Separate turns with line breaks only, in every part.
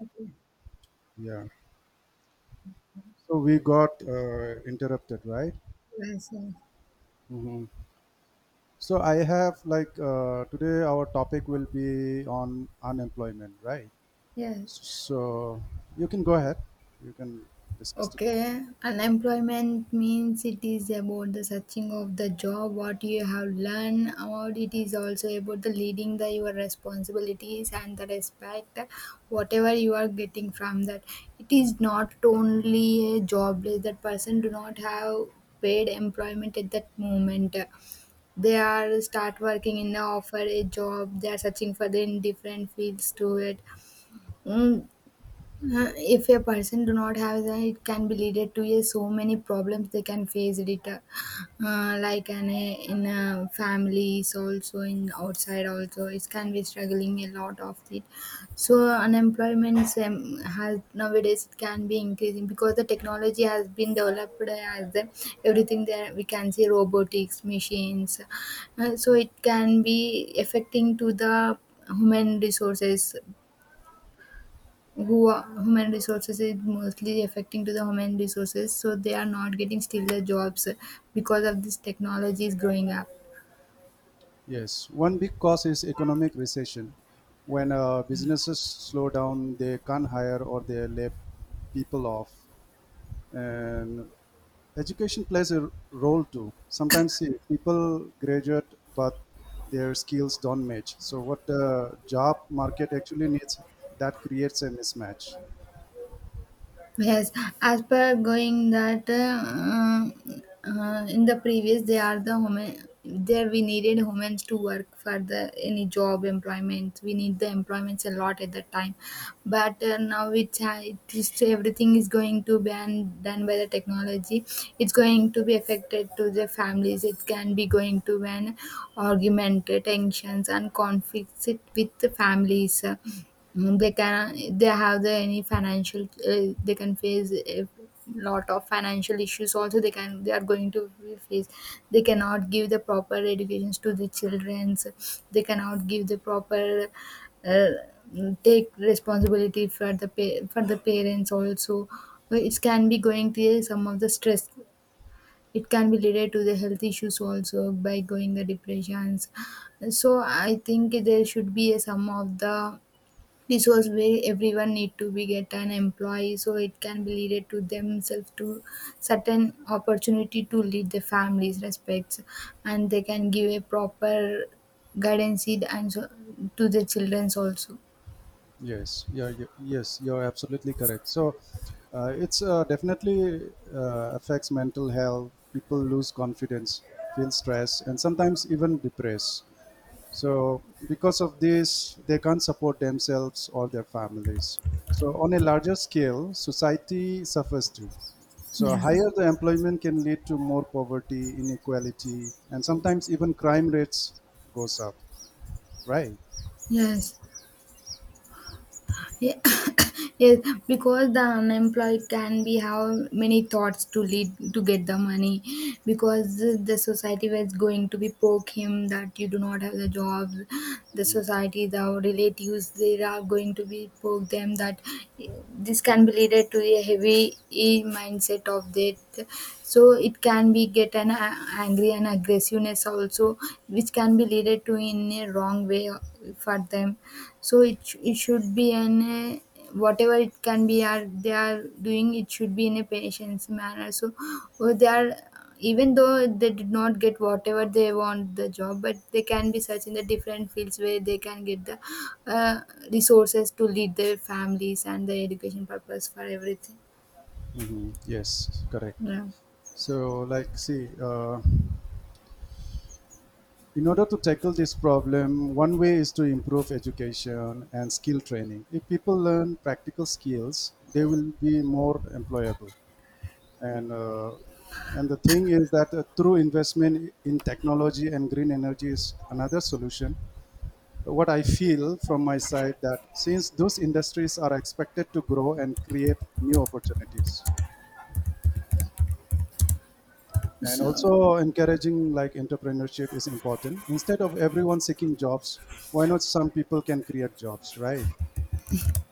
Okay.
Yeah. So we got interrupted, right?
Yes, yes.
hmm So I have today our topic will be on unemployment, right?
Yes.
So you can go ahead. You can discuss the
Okay. Unemployment means it is about the searching of the job, what you have learned about. It is also about the leading the your responsibilities and the respect, whatever you are getting from that. It is not only a jobless. That person do not have paid employment at that moment. They are start working in the offer a job. They are searching for the in different fields to it. Mm, if a person do not have that it can be leaded to a so many problems they can face it like an, a, in a families also in outside also it can be struggling a lot of it. So unemployment, has nowadays it can be increasing because the technology has been developed as the, everything there we can see robotics machines, so it can be affecting to the human resources. Who are human resources is mostly affecting to the human resources, so they are not getting still the jobs because of this technology is growing up.
Yes, one big cause is economic recession. When businesses slow down, they can't hire or they lay people off. And education plays a role too. Sometimes, see, people graduate, but their skills don't match so what the job market actually needs. That creates a mismatch.
Yes, as per going that in the previous they are the women there we needed humans to work for the any job employment, we need the employments a lot at that time, but now it's it is everything is going to be done by the technology. It's going to be affected to the families, it can be going to be an argument, tensions and conflicts it with the families. They can they have the any financial, they can face a lot of financial issues also, they can they are going to face, they cannot give the proper educations to the childrens, they cannot give the proper, uh, take responsibility for the for the parents also. But it can be going to some of the stress, it can be related to the health issues also by going the depressions. So I think there should be a some of the, this was where everyone need to be get an employee, so it can be leaded to themselves to certain opportunity to lead their families respects, and they can give a proper guidance and so, to their childrens also.
Yes, you're absolutely correct. So it's definitely affects mental health. People lose confidence, feel stress, and sometimes even depressed. So, because of this, they can't support themselves or their families. So, on a larger scale, society suffers too. So,
Yeah.
higher the employment can lead to more poverty, inequality, and sometimes even crime rates goes up. Right?
Yes. Yeah. Yes, because the unemployed can be have many thoughts to lead to get the money, because the society was going to be poke him that you do not have the job, the society the relatives they are going to be poke them that this can be related to a heavy mindset of that. So it can be get angry and aggressiveness also, which can be leaded to in a wrong way for them. So it should be an, whatever it can be are they are doing it should be in a patient's manner. So they are, even though they did not get whatever they want the job, but they can be searching the different fields where they can get the, uh, resources to lead their families and the education purpose for everything.
Yes, correct.
Yeah.
So, in order to tackle this problem, one way is to improve education and skill training. If people learn practical skills, they will be more employable. and uh, and the thing is that through investment in technology and green energy is another solution. What I feel from my side that since those industries are expected to grow and create new opportunities, and
So
also encouraging like entrepreneurship is important instead of everyone seeking jobs. Why not some people can create jobs, right?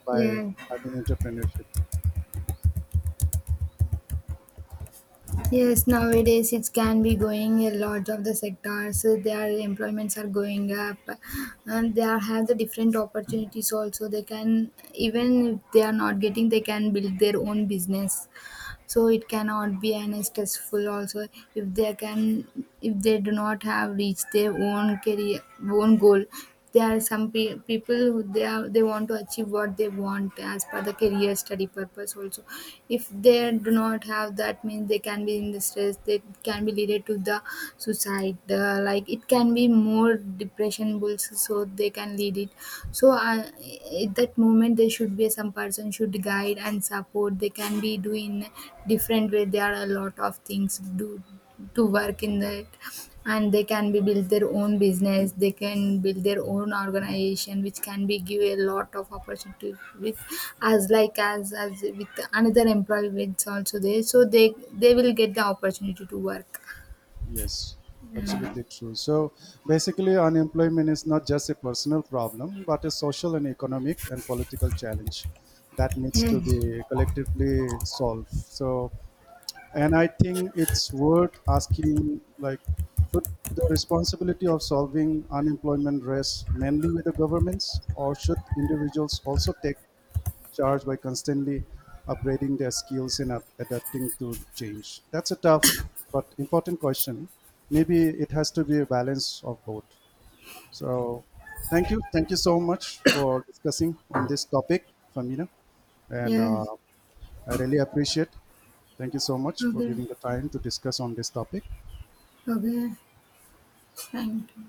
By
yeah.
having entrepreneurship.
Yes, nowadays it can be going a lot of the sectors. So, their employments are going up, and they are, have the different opportunities. Also, they can even if they are not getting, they can build their own business, so it cannot be an stressful also. If they can, if they do not have reached their own career, own goal, there are some people who they are they want to achieve what they want as per the career study purpose also. If they do not have that means they can be in the stress, they can be leaded to the suicide, like it can be more depression bulls, so they can lead it. So I, at that moment there should be some person should guide and support, they can be doing different way, there are a lot of things do to work in that. And they can be build their own business, they can build their own organization which can be give a lot of opportunity, with as like as with another employment also there, so they will get the opportunity to work.
Yes,
Yeah.
absolutely true. So basically, unemployment is not just a personal problem, but a social and economic and political challenge that needs to
Yes.
be collectively solved. So, and I think it's worth asking, like, should the responsibility of solving unemployment rest mainly with the governments, or should individuals also take charged by constantly upgrading their skills and up- adapting to change? That's a tough but important question. Maybe it has to be a balance of both. So, thank you. Thank you so much for discussing on this topic, Famina. And
Yes.
I really appreciate. Thank you so much for
Okay.
giving the time to discuss on this topic.
Okay. Thank you.